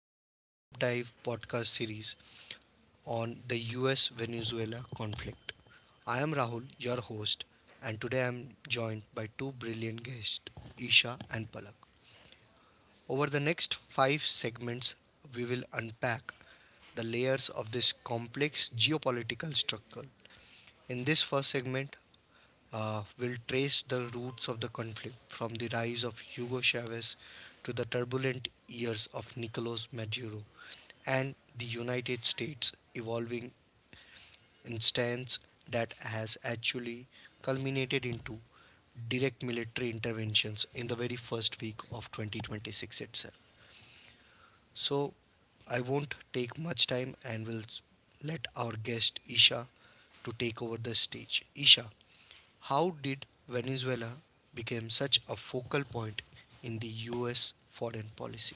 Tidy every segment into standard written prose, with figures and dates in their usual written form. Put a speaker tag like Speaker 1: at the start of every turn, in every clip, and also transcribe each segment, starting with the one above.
Speaker 1: would be a deep dive podcast series on the US Venezuela conflict. I am Rahul, your host, and today I am joined by two brilliant guests, Isha and Palak. Over the next five segments, we will unpack the layers of this complex geopolitical struggle. In this first segment, will trace the roots of the conflict from the rise of Hugo Chavez to the turbulent years of Nicolas Maduro and the United States evolving instance that has actually culminated into direct military interventions in the very first week of 2026 itself. So I won't take much time and will let our guest Isha to take over the stage. Isha, how did Venezuela become such a focal point in the US foreign policy?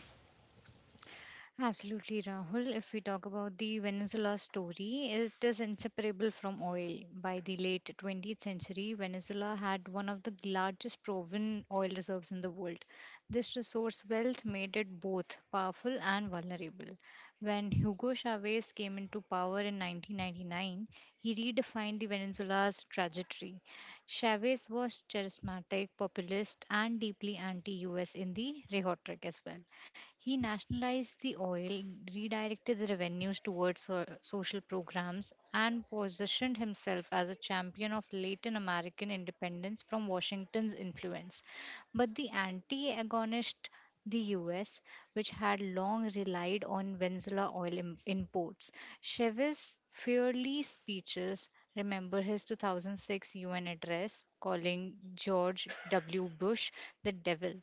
Speaker 2: Absolutely, Rahul. If we talk about the Venezuela story, it is inseparable from oil. By the late 20th century, Venezuela had one of the largest proven oil reserves in the world. This resource wealth made it both powerful and vulnerable. When Hugo Chavez came into power in 1999, he redefined the Venezuela's trajectory. Chavez was charismatic, populist, and deeply anti US in the rhetoric as well. He nationalized the oil, redirected the revenues towards social programs, and positioned himself as a champion of Latin American independence from Washington's influence. But the anti agonist the US, which had long relied on Venezuela oil imports. Chavez's fiery speeches, remember his 2006 UN address calling George W. Bush the devil,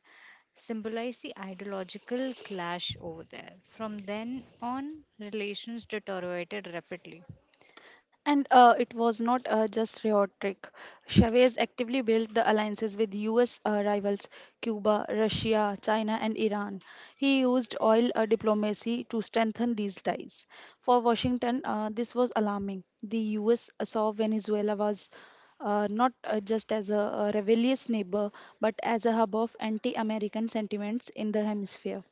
Speaker 2: symbolized the ideological clash over there. From then on, relations deteriorated rapidly.
Speaker 3: And it was not just rhetoric. Chavez actively built the alliances with US rivals Cuba, Russia, China, and Iran. He used oil diplomacy to strengthen these ties. For Washington, this was alarming. The US saw Venezuela was not just as a rebellious neighbor, but as a hub of anti American sentiments in the hemisphere.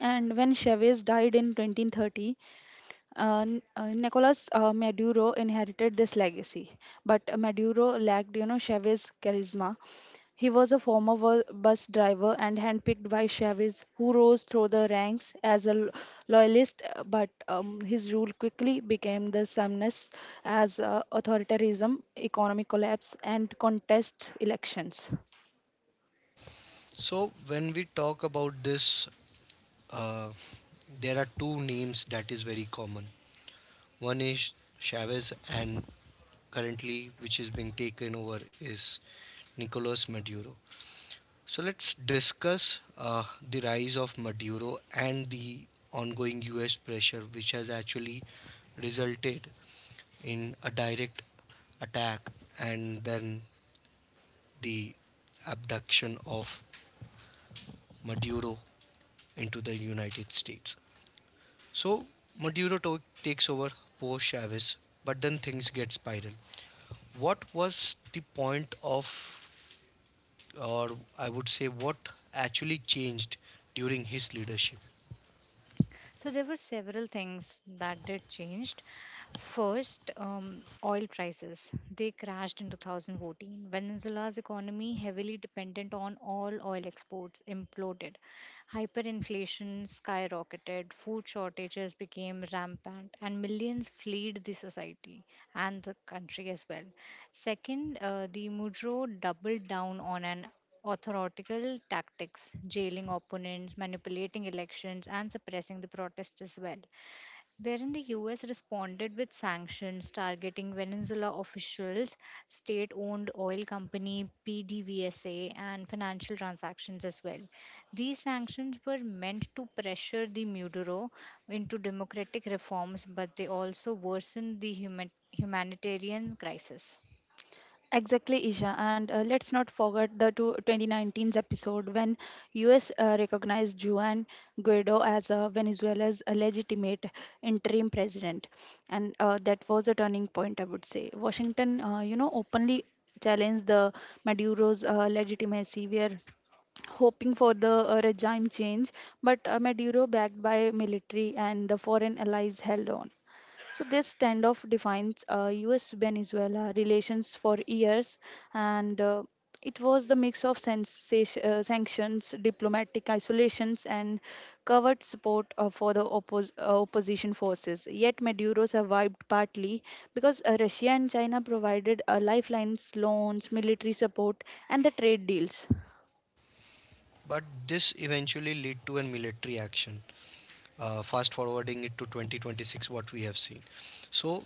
Speaker 3: And when Chavez died in 2030, Nicolas Maduro inherited this legacy, but Maduro lacked Chavez's charisma. He was a former bus driver and handpicked by Chavez, who rose through the ranks as a loyalist, but his rule quickly became the sameness as authoritarianism, economic collapse, and contest elections.
Speaker 1: So when we talk about this, uh, there are two names that is very common. One is Chavez, and currently, which is being taken over, is Nicolas Maduro. So let's discuss the rise of Maduro and the ongoing US pressure, which has actually resulted in a direct attack and then the abduction of Maduro into the United States. So Maduro takes over post Chavez, but then things get spiral. What was the point of, or I would say, what actually changed during his leadership?
Speaker 2: So there were several things that did changed. First, oil prices. They crashed in 2014. Venezuela's economy, heavily dependent on all oil exports, imploded. Hyperinflation skyrocketed, food shortages became rampant, and millions fled the society and the country as well. Second, the Mujro doubled down on an authoritical tactics, jailing opponents, manipulating elections, and suppressing the protests as well, wherein the US responded with sanctions targeting Venezuela officials, state owned oil company PDVSA, and financial transactions as well. These sanctions were meant to pressure the Maduro into democratic reforms, but they also worsened the humanitarian crisis.
Speaker 3: Exactly, Isha. And let's not forget the 2019's episode when US recognized Juan Guaido as Venezuela's legitimate interim president. And that was a turning point, I would say. Washington, openly challenged the Maduro's legitimacy. We are hoping for the regime change, but Maduro, backed by military and the foreign allies, held on. So this standoff defines U.S.-Venezuela relations for years, and it was the mix of sensation, sanctions, diplomatic isolations, and covert support for the opposition forces. Yet Maduro survived partly because Russia and China provided lifelines, loans, military support, and the trade deals.
Speaker 1: But this eventually led to a military action. Fast forwarding it to 2026, what we have seen. So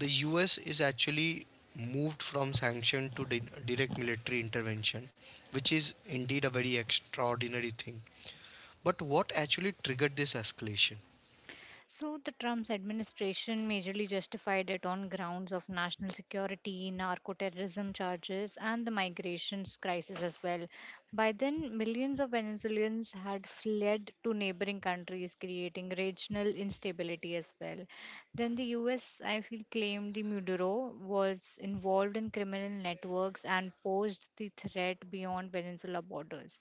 Speaker 1: the US is actually moved from sanction to direct military intervention, which is indeed a very extraordinary thing. But what actually triggered this escalation?
Speaker 2: So, the Trump's administration majorly justified it on grounds of national security, narco terrorism charges, and the migrations crisis as well. By then, millions of Venezuelans had fled to neighboring countries, creating regional instability as well. Then the US, I feel, claimed the Maduro was involved in criminal networks and posed the threat beyond peninsula borders.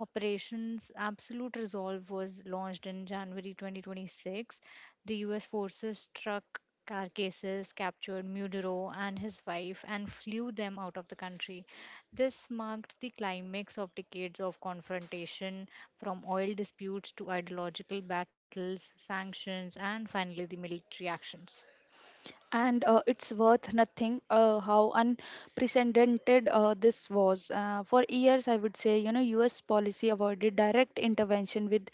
Speaker 2: Operations Absolute Resolve was launched in January 2026. The US forces struck Carcasses, captured Mudero and his wife, and flew them out of the country. This marked the climax of decades of confrontation, from oil disputes to ideological battles, sanctions, and finally the military actions.
Speaker 3: And it's worth nothing how unprecedented this was for years, I would say, US policy avoided direct intervention with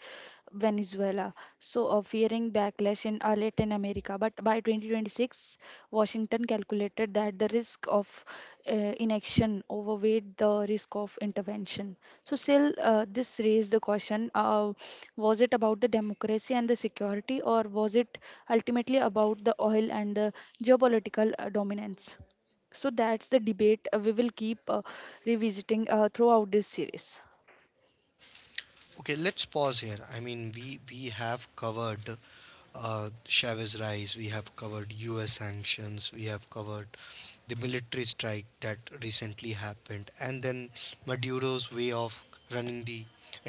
Speaker 3: Venezuela, so fearing backlash in Latin America. But by 2026, Washington calculated that the risk of uh, inaction overweighed the risk of intervention. So, still, this raised the question, was it about the democracy and the security, or was it ultimately about the oil and the geopolitical dominance? So, that's the debate we will keep revisiting throughout this series.
Speaker 1: Okay, let's pause here. I mean, we have covered Chavez rise, we have covered U.S. sanctions, we have covered the military strike that recently happened, and then Maduro's way of running the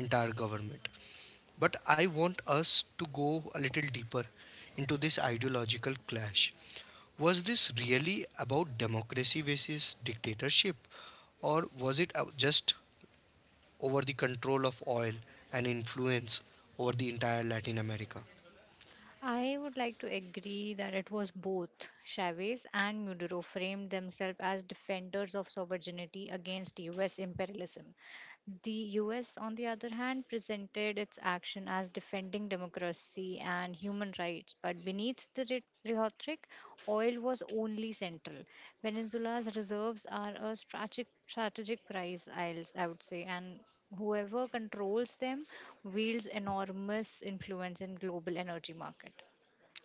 Speaker 1: entire government. But I want us to go a little deeper into this ideological clash. Was this really about democracy versus dictatorship, or was it just over the control of oil and influence over the entire Latin America?
Speaker 2: I would like to agree that it was both. Chavez and Mudero framed themselves as defenders of sovereignty against US imperialism. The US, on the other hand, presented its action as defending democracy and human rights, but beneath the rhetoric, oil was only central. Venezuela's reserves are a strategic prize, I would say, and whoever controls them wields enormous influence in global energy market.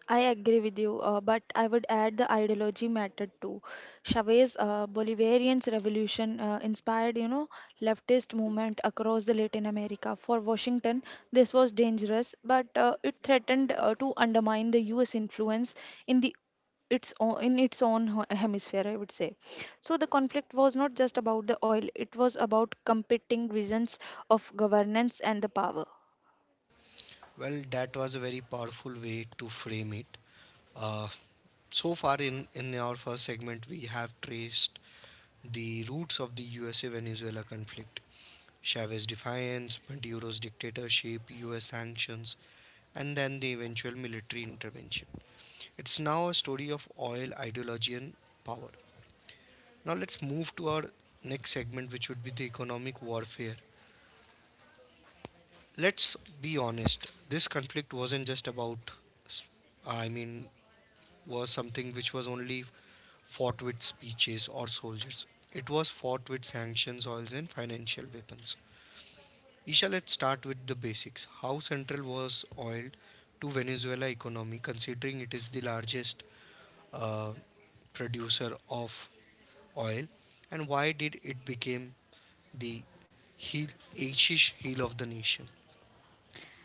Speaker 3: I agree with you, but I would add the ideology mattered too. Chavez's Bolivarian revolution inspired, leftist movement across the Latin America. For Washington, this was dangerous, but it threatened to undermine the U.S. influence in the in its own hemisphere, I would say. So the conflict was not just about the oil. It was about competing visions of governance and the power.
Speaker 1: Well, that was a very powerful way to frame it. Uh, so far in our first segment, we have traced the roots of the USA Venezuela conflict, Chavez's defiance, Maduro's dictatorship, US sanctions, and then the eventual military intervention. It's now a story of oil, ideology, and power. Now let's move to our next segment, which would be the economic warfare. Let's be honest, this conflict wasn't just about, I mean, was something which was only fought with speeches or soldiers. It was fought with sanctions, oils, and financial weapons. Isha, let's start with the basics. How central was oil to Venezuela economy, considering it is the largest uh, producer of oil, and why did it become the heel, Asian heel of the nation?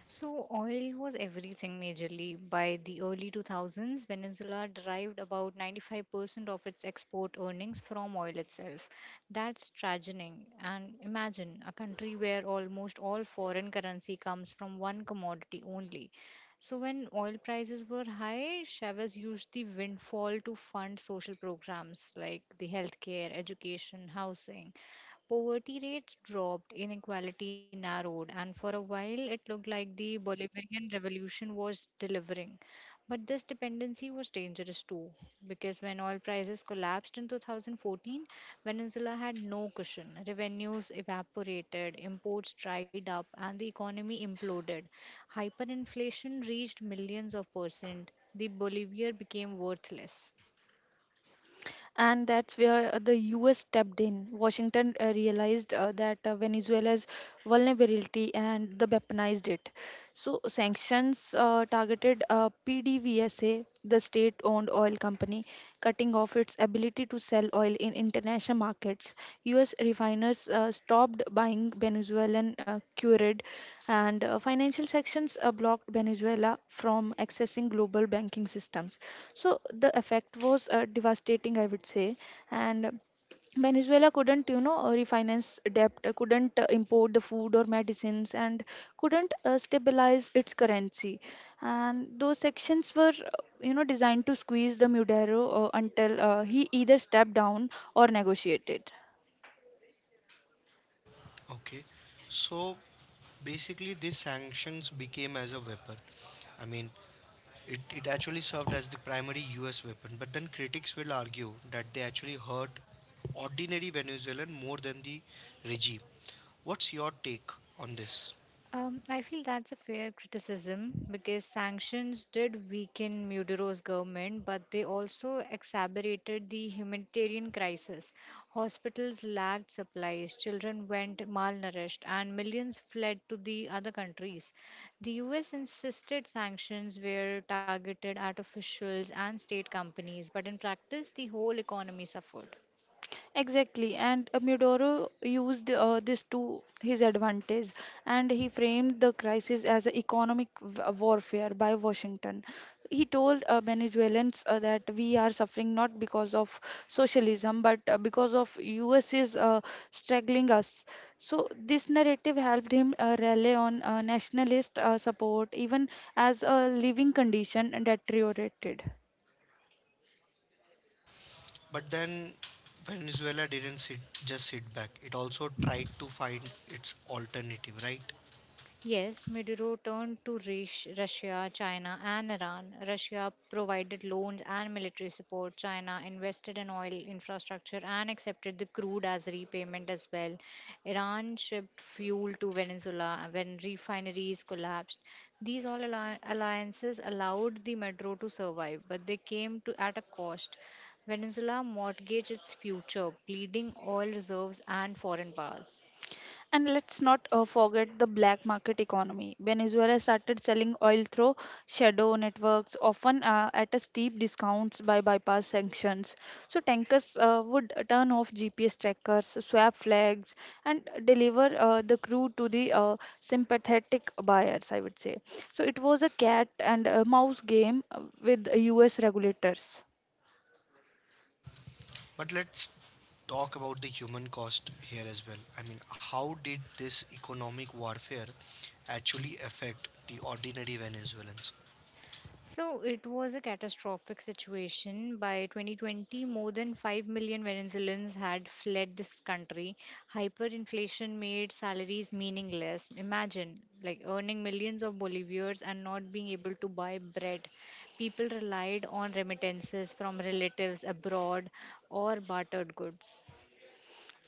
Speaker 2: So, oil was everything majorly. By the early 2000s, Venezuela derived about 95% of its export earnings from oil itself. That's tragedy. And imagine a country where almost all foreign currency comes from one commodity only. So, when oil prices were high, Chavez used the windfall to fund social programs like the healthcare, education, housing. Poverty rates dropped, inequality narrowed, and for a while it looked like the Bolivarian Revolution was delivering. But this dependency was dangerous too, because when oil prices collapsed in 2014, Venezuela had no cushion. Revenues evaporated, imports dried up, and the economy imploded. Hyperinflation reached millions of percent. The Bolivar became worthless.
Speaker 3: And that's where the US stepped in. Washington realized that Venezuela's vulnerability and the weaponized it. So sanctions targeted PDVSA, the state-owned oil company, cutting off its ability to sell oil in international markets. US refiners stopped buying Venezuelan crude, and financial sanctions blocked Venezuela from accessing global banking systems. So the effect was devastating, I would say. And Venezuela couldn't refinance debt, couldn't import the food or medicines, and couldn't stabilize its currency. And those sections were, designed to squeeze the Maduro until he either stepped down or negotiated.
Speaker 1: Okay, so basically, these sanctions became as a weapon. I mean, it actually served as the primary U.S. weapon, but then critics will argue that they actually hurt ordinary Venezuelan more than the regime. What's your take on this?
Speaker 2: I feel that's a fair criticism because sanctions did weaken Maduro's government, but they also exacerbated the humanitarian crisis. Hospitals lacked supplies, children went malnourished, and millions fled to the other countries. The US insisted sanctions were targeted at officials and state companies, but in practice, the whole economy suffered.
Speaker 3: Exactly, and Mudoro used this to his advantage, and he framed the crisis as an economic warfare by Washington. He told Venezuelans that we are suffering not because of socialism, but because of U.S. is struggling us. So this narrative helped him rally on nationalist support, even as a living condition deteriorated.
Speaker 1: But then Venezuela didn't sit, just sit back. It also tried to find its alternative, right?
Speaker 2: Yes, Maduro turned to Russia, China, and Iran. Russia provided loans and military support. China invested in oil infrastructure and accepted the crude as repayment as well. Iran shipped fuel to Venezuela when refineries collapsed. These all alliances allowed the Maduro to survive, but they came to at a cost. Venezuela mortgaged its future, bleeding oil reserves and foreign powers.
Speaker 3: And let's not forget the black market economy. Venezuela started selling oil through shadow networks, often at a steep discounts by bypass sanctions. So tankers would turn off GPS trackers, swap flags, and deliver the crude to the sympathetic buyers. I would say. So it was a cat and mouse game with US regulators.
Speaker 1: But let's talk about the human cost here as well. I mean, how did this economic warfare actually affect the ordinary Venezuelans?
Speaker 2: So it was a catastrophic situation. By 2020, more than 5 million Venezuelans had fled this country. Hyperinflation made salaries meaningless. Imagine, like earning millions of bolivars and not being able to buy bread. People relied on remittances from relatives abroad or bartered goods.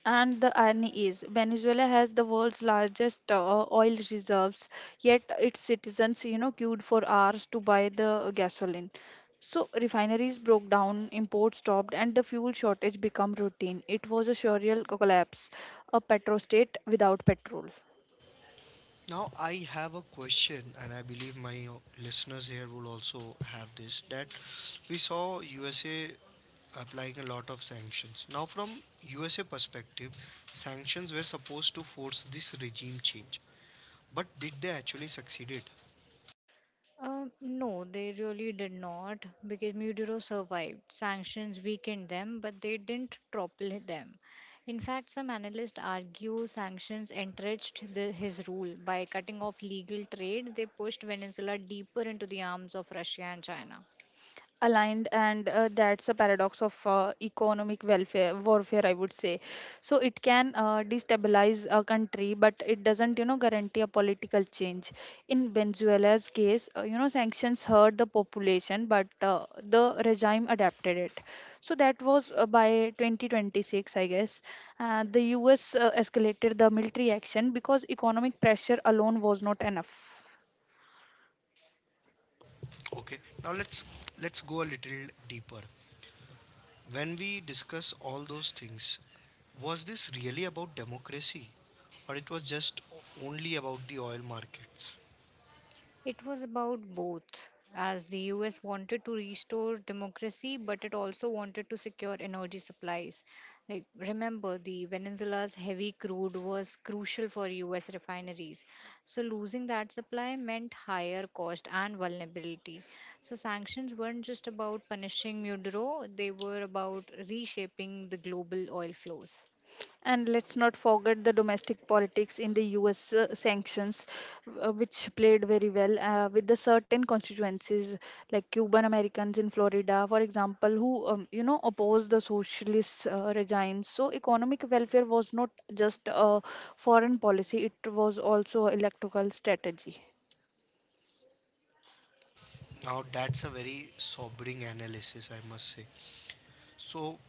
Speaker 3: And the irony is, Venezuela has the world's largest oil reserves, yet its citizens queued for hours to buy the gasoline. So refineries broke down, imports stopped, and the fuel shortage became routine. It was a surreal collapse, a petrostate without petrol.
Speaker 1: Now, I have a question, and I believe my listeners here will also have this, that we saw USA applying a lot of sanctions. Now, from USA perspective, sanctions were supposed to force this regime change, but did they actually succeeded?
Speaker 2: No, they really did not because Mudiro survived. Sanctions weakened them, but they didn't topple them. In fact, some analysts argue sanctions encouraged his rule. By cutting off legal trade, they pushed Venezuela deeper into the arms of Russia and China.
Speaker 3: Aligned. And that's a paradox of economic welfare warfare, I would say. So it can destabilize a country, but it doesn't guarantee a political change. In Venezuela's case, sanctions hurt the population, but the regime adapted it. So that was by 2026, I guess, the US escalated the military action because economic pressure alone was not enough.
Speaker 1: Okay. Now let's go a little deeper. When we discuss all those things, was this really about democracy, or it was just only about the oil markets?
Speaker 2: It was about both, as the US wanted to restore democracy, but it also wanted to secure energy supplies. Like, remember, the Venezuela's heavy crude was crucial for US refineries. So, losing that supply meant higher cost and vulnerability. So, sanctions weren't just about punishing Maduro, they were about reshaping the global oil flows.
Speaker 3: And let's not forget the domestic politics in the US sanctions, which played very well with the certain constituencies like Cuban Americans in Florida, for example, who opposed the socialist regimes. So economic welfare was not just a foreign policy; it was also electoral strategy.
Speaker 1: Now that's a very sobering analysis, I must say. So,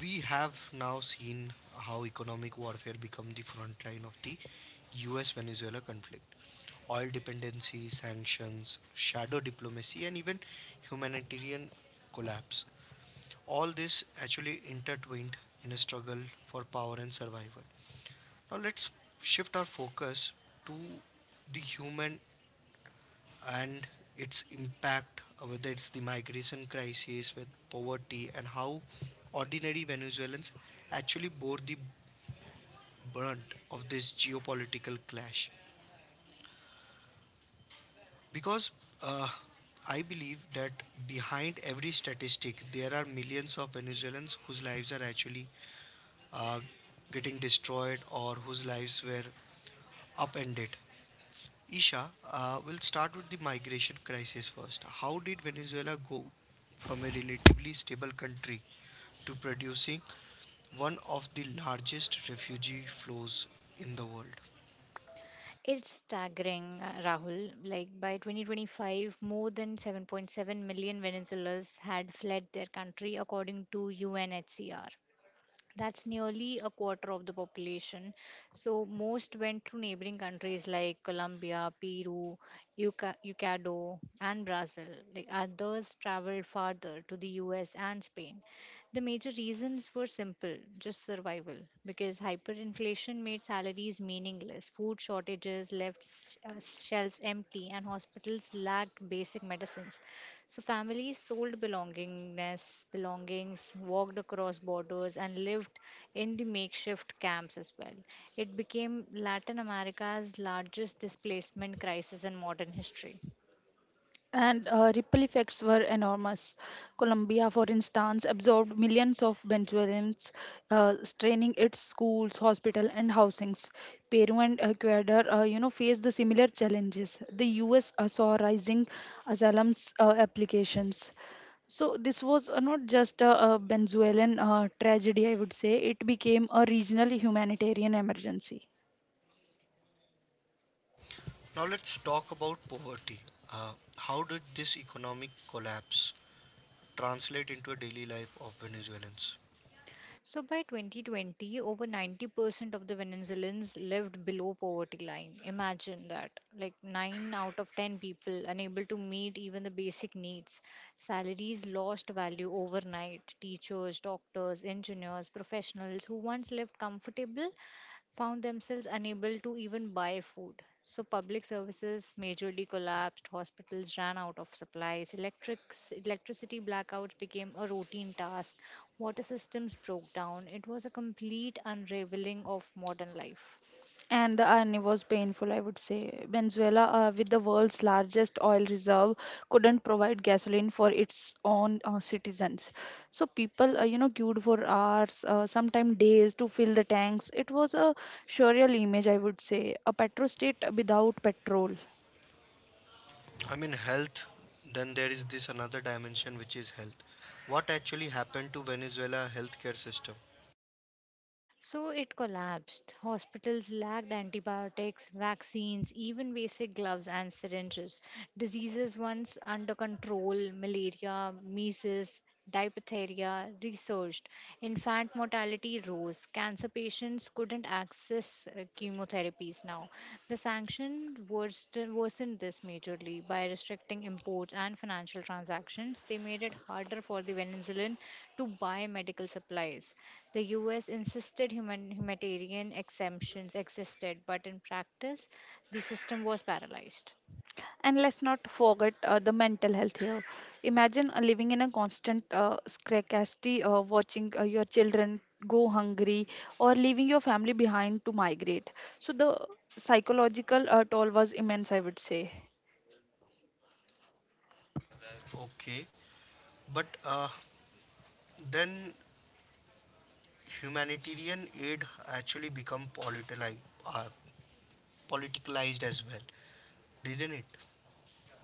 Speaker 1: we have now seen how economic warfare become the front line of the US Venezuela conflict. Oil dependency, sanctions, shadow diplomacy, and even humanitarian collapse. All this actually intertwined in a struggle for power and survival. Now let's shift our focus to the human and its impact, whether it's the migration crisis with poverty and how ordinary Venezuelans actually bore the brunt of this geopolitical clash, because uh, I believe that behind every statistic, there are millions of Venezuelans whose lives are actually uh, getting destroyed or whose lives were upended. Isha, we'll start with the migration crisis first. How did Venezuela go from a relatively stable country to producing one of the largest refugee flows in the world?
Speaker 2: It's staggering, Rahul. Like by 2025, more than 7.7 million Venezuelans had fled their country, according to UNHCR. That's nearly a quarter of the population. So most went to neighboring countries like Colombia, Peru, Ecuador, and Brazil. Like others traveled farther to the US and Spain. The major reasons were simple, just survival, because hyperinflation made salaries meaningless, food shortages left shelves empty, and hospitals lacked basic medicines. So families sold belongings, walked across borders, and lived in the makeshift camps as well. It became Latin America's largest displacement crisis in modern history.
Speaker 3: And ripple effects were enormous. Colombia, for instance, absorbed millions of Venezuelans, straining its schools, hospitals, and housings. Peru and Ecuador, faced the similar challenges. The U.S. Saw rising asylum applications. So this was not just a Venezuelan tragedy, I would say. It became a regional humanitarian emergency.
Speaker 1: Now let's talk about poverty. How did this economic collapse translate into a daily life of Venezuelans?
Speaker 2: So by 2020, over 90% of the Venezuelans lived below poverty line. Imagine that. Like 9 out of 10 people unable to meet even the basic needs. Salaries lost value overnight. Teachers, doctors, engineers, professionals who once lived comfortable found themselves unable to even buy food. So, public services majorly collapsed, hospitals ran out of supplies, electricity blackouts became a routine task, water systems broke down. It was a complete unraveling of modern life.
Speaker 3: And the irony was painful, I would say. Venezuela, with the world's largest oil reserve, couldn't provide gasoline for its own citizens. So people, queued for hours, sometimes days, to fill the tanks. It was a surreal image, I would say. A petrostate without petrol.
Speaker 1: I mean, health, then there is this another dimension which is health. What actually happened to Venezuela healthcare system?
Speaker 2: So it collapsed. Hospitals lacked antibiotics, vaccines, even basic gloves and syringes. Diseases once under control, malaria, measles, diphtheria, resurged. Infant mortality rose. Cancer patients couldn't access chemotherapies now. The sanction worsened this majorly by restricting imports and financial transactions. They made it harder for the Venezuelan to buy medical supplies. The US insisted humanitarian exemptions existed, but in practice, the system was paralyzed.
Speaker 3: And let's not forget the mental health here. Imagine living in a constant scarcity, watching your children go hungry, or leaving your family behind to migrate. So the psychological toll was immense, I would say.
Speaker 1: Okay, but then humanitarian aid actually become politicized, uh, politicalized as well, didn't it?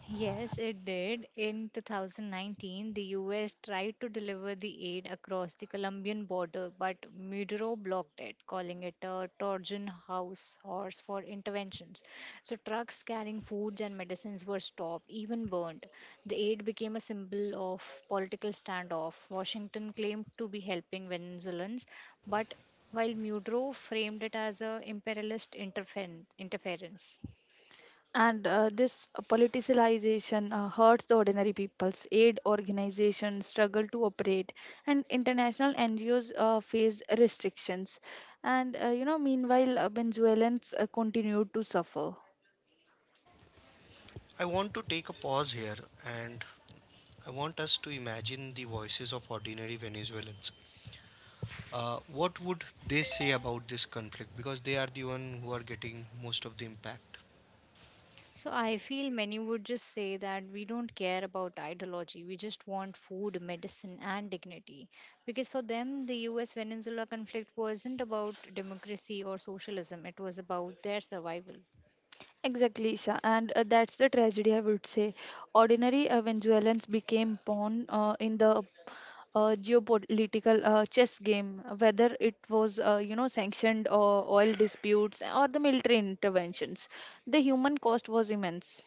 Speaker 2: Yes, it did. In 2019, the US tried to deliver the aid across the Colombian border, but Maduro blocked it, calling it a Trojan house horse for interventions. So, trucks carrying foods and medicines were stopped, even burned. The aid became a symbol of political standoff. Washington claimed to be helping Venezuelans, but while Maduro framed it as a imperialist interference.
Speaker 3: And this politicization hurts the ordinary people's aid organizations struggle to operate, and international NGOs face restrictions. And meanwhile, Venezuelans continue to suffer.
Speaker 1: I want to take a pause here, and I want us to imagine the voices of ordinary Venezuelans. What would they say about this conflict, because they are the one who are getting most of the impact?
Speaker 2: So I feel many would just say that we don't care about ideology. We just want food, medicine, and dignity. Because for them, the US Venezuela conflict wasn't about democracy or socialism, it was about their survival.
Speaker 3: Exactly, Isha, and that's the tragedy, I would say. Ordinary Venezuelans became pawn in the geopolitical chess game, whether it was sanctioned or oil disputes or the military interventions. The human cost was immense.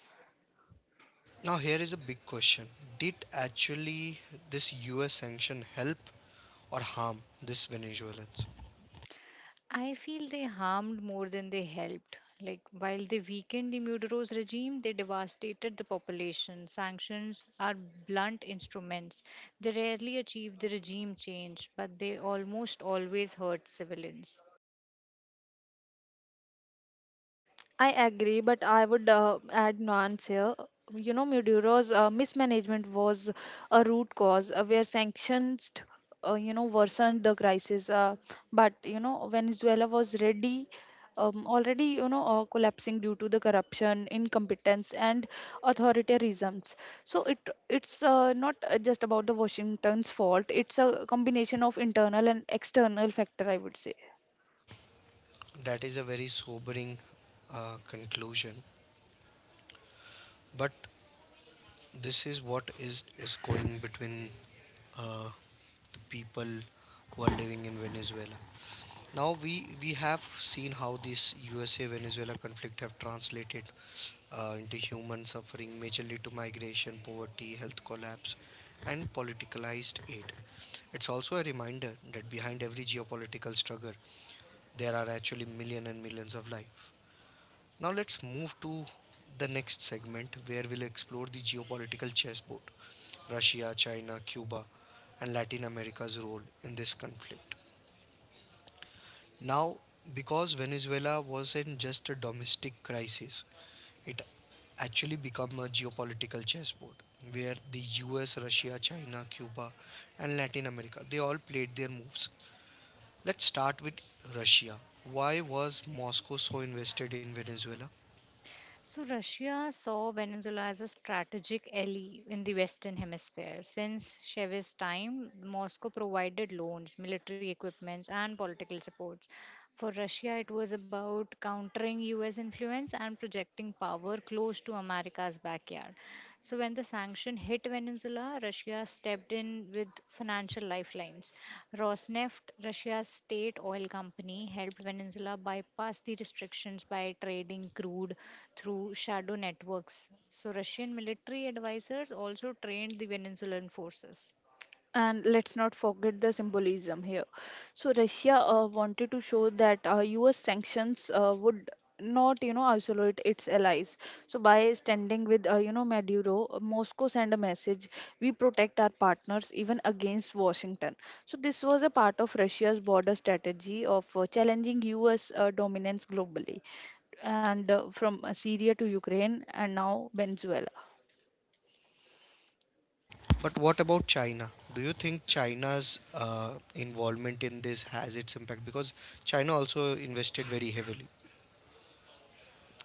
Speaker 1: Now here is a big question: did actually this US sanction help or harm this Venezuelans?
Speaker 2: I feel they harmed more than they helped. Like, while they weakened the Muderos regime, they devastated the population. Sanctions are blunt instruments. They rarely achieve the regime change, but they almost always hurt civilians.
Speaker 3: I agree, but I would add nuance here. Maduro's mismanagement was a root cause where sanctions worsened the crisis. But Venezuela was already collapsing due to the corruption, incompetence, and authoritarianisms. So it's not just about the Washington's fault. It's a combination of internal and external factor, I would say.
Speaker 1: That is a very sobering conclusion, but this is what is going between uh, the people who are living in Venezuela. Now we have seen how this USA Venezuela conflict have translated into human suffering, majorly to migration, poverty, health collapse, and politicalized aid. It's also a reminder that behind every geopolitical struggle, there are actually millions and millions of life. Now let's move to the next segment where we'll explore the geopolitical chessboard, Russia, China, Cuba, and Latin America's role in this conflict. Now, because Venezuela wasn't just a domestic crisis, it actually became a geopolitical chessboard where the US, Russia, China, Cuba, and Latin America, they all played their moves. Let's start with Russia. Why was Moscow so invested in Venezuela?
Speaker 2: So, Russia saw Venezuela as a strategic ally in the Western Hemisphere. Since Chavez's time, Moscow provided loans, military equipments, and political supports. For Russia, it was about countering US influence and projecting power close to America's backyard. So, when the sanction hit Venezuela, Russia stepped in with financial lifelines. Rosneft, Russia's state oil company, helped Venezuela bypass the restrictions by trading crude through shadow networks. So, Russian military advisors also trained the Venezuelan forces.
Speaker 3: And let's not forget the symbolism here. So Russia wanted to show that US sanctions would not isolate its allies. So by standing with Maduro, Moscow sent a message. We protect our partners even against Washington. So this was a part of Russia's border strategy of challenging US dominance globally, and from Syria to Ukraine and now Venezuela.
Speaker 1: But what about China? Do you think China's involvement in this has its impact? Because China also invested very heavily.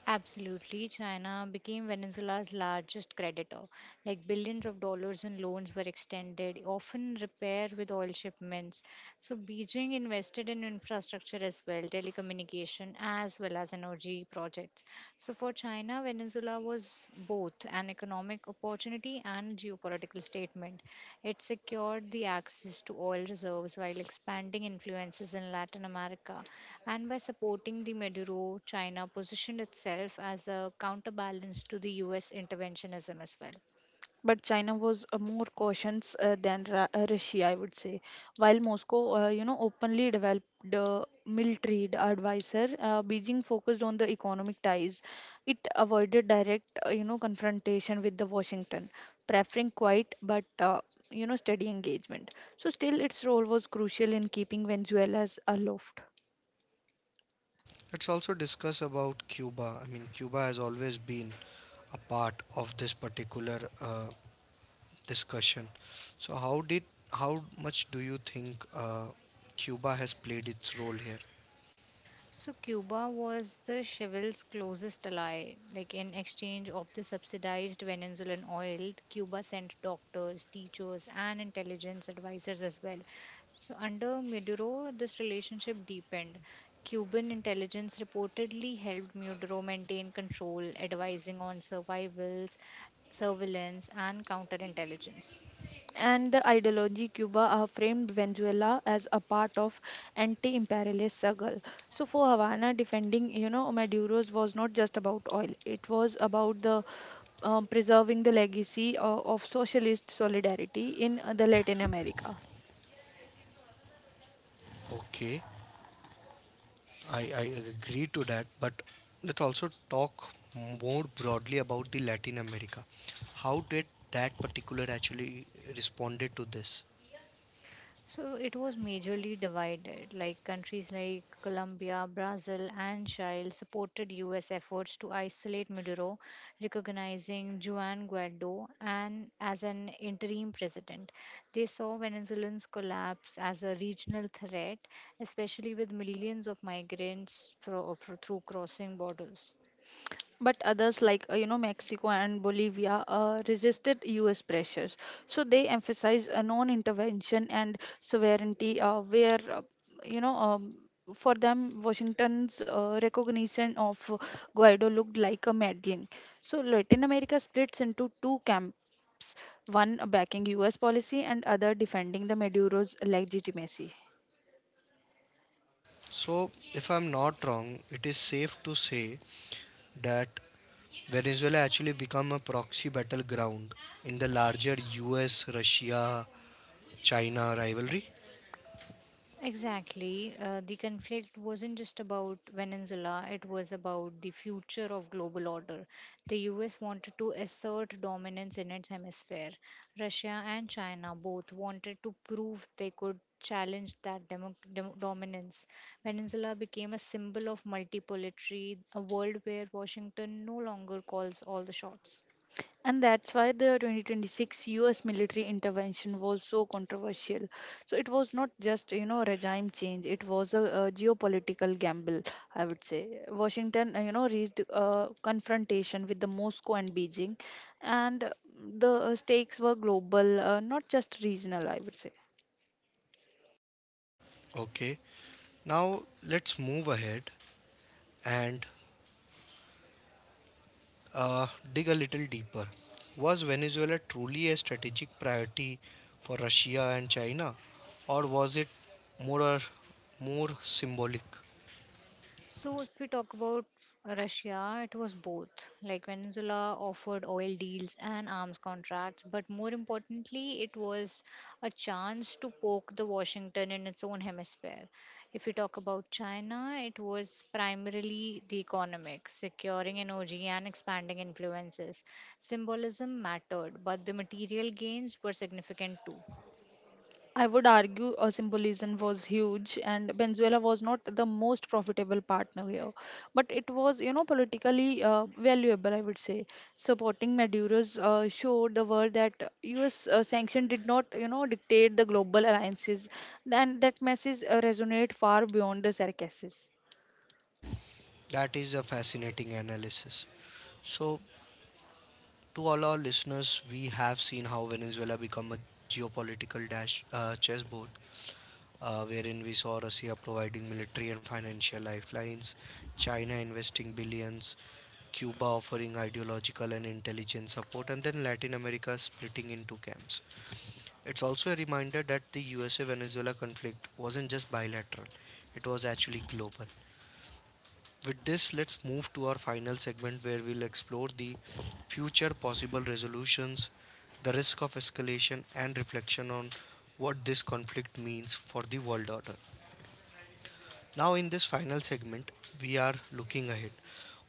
Speaker 2: Absolutely, China became Venezuela's largest creditor. Like billions of dollars in loans were extended, often repair with oil shipments. So Beijing invested in infrastructure as well, telecommunication as well as energy projects. So for China, Venezuela was both an economic opportunity and geopolitical statement. It secured the access to oil reserves while expanding influences in Latin America. And by supporting the Maduro, China positioned itself as a counterbalance to the US interventionism as well.
Speaker 3: But China was more cautious than Russia, I would say. While Moscow, openly developed military advisor, Beijing focused on the economic ties. It avoided direct confrontation with the Washington, preferring quiet but steady engagement. So still, its role was crucial in keeping Venezuela's aloft.
Speaker 1: Let's also discuss about Cuba. I mean, Cuba has always been a part of this particular discussion. So, how did, how much do you think Cuba has played its role here?
Speaker 2: So Cuba was the Chevil's closest ally. Like in exchange of the subsidized Venezuelan oil, Cuba sent doctors, teachers, and intelligence advisors as well. So under Maduro, this relationship deepened. Cuban intelligence reportedly helped Maduro maintain control, advising on survivals, surveillance, and counterintelligence.
Speaker 3: And the ideology Cuba are framed Venezuela as a part of anti-imperialist struggle. So for Havana, defending Maduro's was not just about oil; it was about the preserving the legacy of socialist solidarity in the Latin America.
Speaker 1: Okay, I agree to that, but let's also talk more broadly about the Latin America. How did that particular actually responded to this?
Speaker 2: So it was majorly divided, like countries like Colombia, Brazil, and Chile supported US efforts to isolate Maduro, recognizing Juan Guaido and as an interim president. They saw Venezuelans collapse as a regional threat, especially with millions of migrants through crossing borders.
Speaker 3: But others like Mexico and Bolivia resisted US pressures. So they emphasized a non-intervention and sovereignty, where you know um, for them, Washington's recognition of Guaido looked like a meddling. So Latin America splits into two camps, one backing US policy and other defending the Maduro's legitimacy.
Speaker 1: So, if I'm not wrong, it is safe to say that Venezuela actually become a proxy battleground in the larger US Russia China rivalry.
Speaker 2: Exactly. The conflict wasn't just about Venezuela, it was about the future of global order. The US wanted to assert dominance in its hemisphere. Russia and China both wanted to prove they could challenge that dominance. Venezuela became a symbol of multipolary, a world where Washington no longer calls all the shots.
Speaker 3: And that's why the 2026 US military intervention was so controversial. So it was not just regime change. It was a geopolitical gamble, I would say. Washington reached a confrontation with the Moscow and Beijing, and the stakes were global, not just regional, I would say.
Speaker 1: Okay, now let's move ahead and uh, dig a little deeper. Was Venezuela truly a strategic priority for Russia and China, or was it more or more symbolic?
Speaker 2: So, if we talk about Russia, it was both. Like Venezuela offered oil deals and arms contracts, but more importantly, it was a chance to poke the Washington in its own hemisphere. If we talk about China, it was primarily the economic, securing energy and expanding influences. Symbolism mattered, but the material gains were significant too.
Speaker 3: I would argue symbolism was huge, and Venezuela was not the most profitable partner here, but it was politically valuable. I would say supporting Maduro's showed the world that U.S. Sanction did not dictate the global alliances, then that message resonate far beyond the Circassian.
Speaker 1: That is a fascinating analysis. So, to all our listeners, we have seen how Venezuela become a geopolitical dash chessboard, wherein we saw Russia providing military and financial lifelines, China investing billions, Cuba offering ideological and intelligence support, and then Latin America splitting into camps. It's also a reminder that the USA Venezuela conflict wasn't just bilateral, it was actually global. With this, let's move to our final segment where we'll explore the future possible resolutions, the risk of escalation, and reflection on what this conflict means for the world order. Now, in this final segment, we are looking ahead.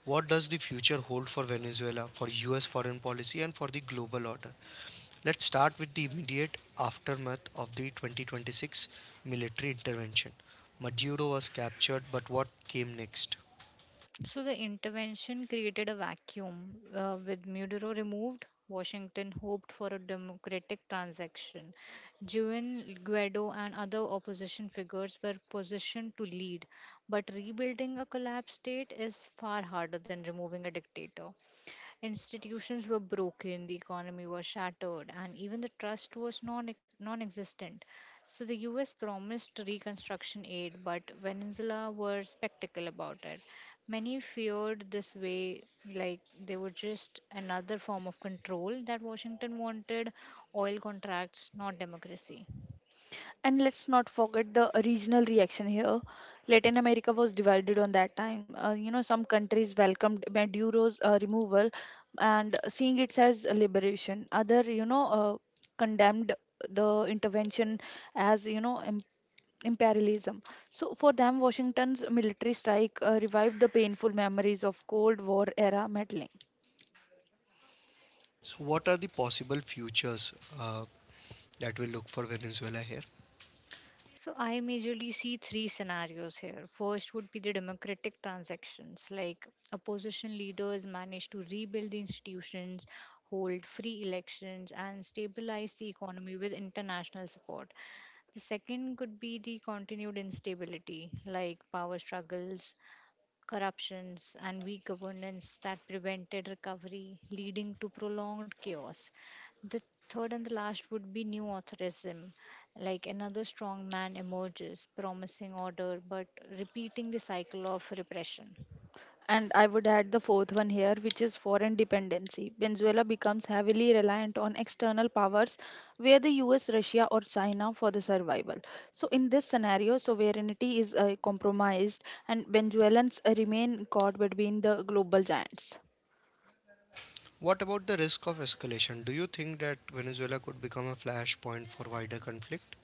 Speaker 1: What does the future hold for Venezuela, for US foreign policy, and for the global order? Let's start with the immediate aftermath of the 2026 military intervention. Maduro was captured, but what came next?
Speaker 2: So the intervention created a vacuum. With Maduro removed, Washington hoped for a democratic transaction. Juan Guaido and other opposition figures were positioned to lead, but rebuilding a collapsed state is far harder than removing a dictator. Institutions were broken, the economy was shattered, and even the trust was non existent. So the US promised reconstruction aid, but Venezuela were skeptical about it. Many feared this way, like they were just another form of control that Washington wanted oil contracts, not democracy.
Speaker 3: And let's not forget the regional reaction here. Latin America was divided on that time. Some countries welcomed Maduro's removal and seeing it as a liberation. Other, condemned the intervention as, imperialism. So for them, Washington's military strike revived the painful memories of Cold War era meddling.
Speaker 1: So, what are the possible futures uh, that we look for Venezuela here?
Speaker 2: So I majorly see three scenarios here. First would be the democratic transactions, like opposition leaders manage to rebuild the institutions, hold free elections, and stabilize the economy with international support. The second could be the continued instability, like power struggles, corruptions, and weak governance that prevented recovery, leading to prolonged chaos. The third and the last would be new authorism, like another strong man emerges, promising order but repeating the cycle of repression.
Speaker 3: And I would add the fourth one here, which is foreign dependency. Venezuela becomes heavily reliant on external powers, where the US, Russia, or China for the survival. So, in this scenario, sovereignty is compromised, and Venezuelans remain caught between the global giants.
Speaker 1: What about the risk of escalation? Do you think that Venezuela could become a flashpoint for wider conflict?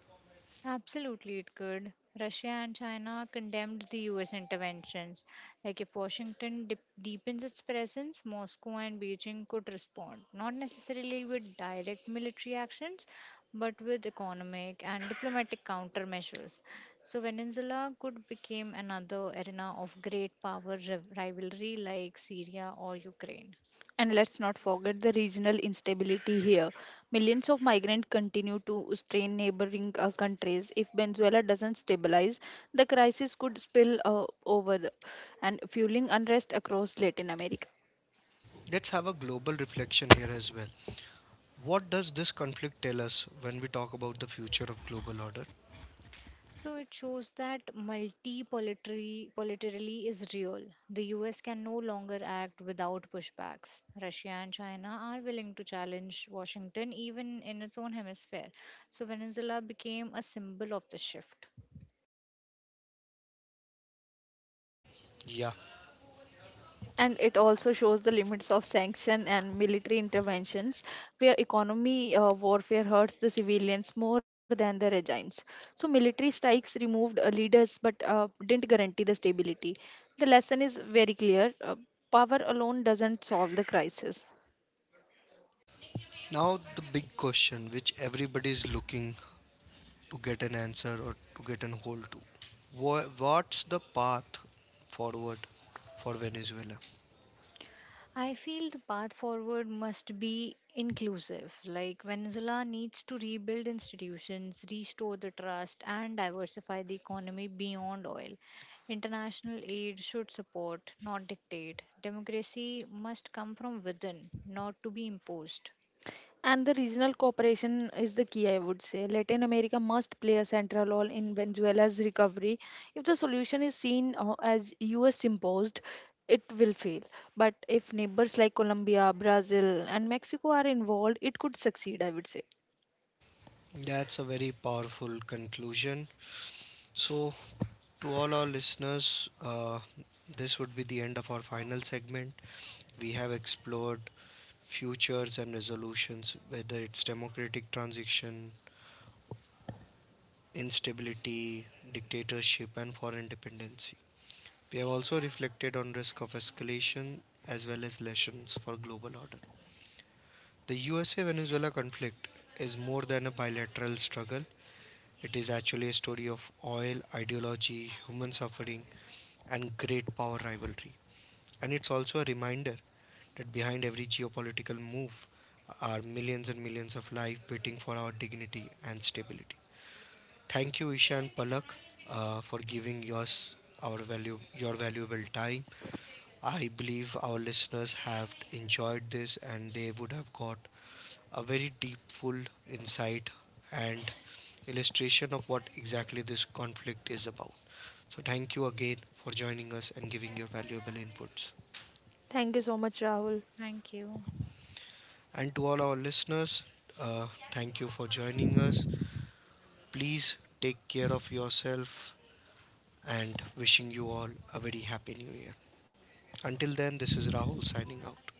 Speaker 2: Absolutely, it could. Russia and China condemned the US interventions. Like, if Washington deepens its presence, Moscow and Beijing could respond, not necessarily with direct military actions, but with economic and diplomatic countermeasures. So, Venezuela could become another arena of great power rivalry like Syria or Ukraine.
Speaker 3: And let's not forget the regional instability here. Millions of migrants continue to strain neighboring countries. If Venezuela doesn't stabilize, the crisis could spill over and fueling unrest across Latin America.
Speaker 1: Let's have a global reflection here as well. What does this conflict tell us when we talk about the future of global order?
Speaker 2: So it shows that multipolarity politarily is real. The US can no longer act without pushbacks. Russia and China are willing to challenge Washington even in its own hemisphere. So Venezuela became a symbol of the shift.
Speaker 1: Yeah.
Speaker 3: And it also shows the limits of sanction and military interventions where economy warfare hurts the civilians more than the regimes. So military strikes removed leaders but didn't guarantee the stability. The lesson is very clear, power alone doesn't solve the crisis.
Speaker 1: Now, the big question which everybody is looking to get an answer or to get an hold to. What's the path forward for Venezuela?
Speaker 2: I feel the path forward must be inclusive. Like Venezuela needs to rebuild institutions, restore the trust, and diversify the economy beyond oil. International aid should support, not dictate. Democracy must come from within, not to be imposed.
Speaker 3: And the regional cooperation is the key, I would say. Latin America must play a central role in Venezuela's recovery. If the solution is seen as US imposed, it will fail. But if neighbors like Colombia, Brazil, and Mexico are involved, it could succeed, I would say.
Speaker 1: That's a very powerful conclusion. So, to all our listeners, this would be the end of our final segment. We have explored futures and resolutions, whether it's democratic transition, instability, dictatorship, and foreign dependency. We have also reflected on risk of escalation as well as lessons for global order. The USA Venezuela conflict is more than a bilateral struggle. It is actually a story of oil, ideology, human suffering, and great power rivalry. And it's also a reminder that behind every geopolitical move are millions and millions of lives waiting for our dignity and stability. Thank you, Isha and Palak, for giving yours our value your valuable time. I believe our listeners have enjoyed this and they would have got a very deep, full insight and illustration of what exactly this conflict is about. So, thank you again for joining us and giving your valuable inputs.
Speaker 3: Thank you so much, Rahul.
Speaker 2: Thank you.
Speaker 1: And to all our listeners, uh, thank you for joining us. Please take care of yourself and wishing you all a very happy new year. Until then, this is Rahul signing out.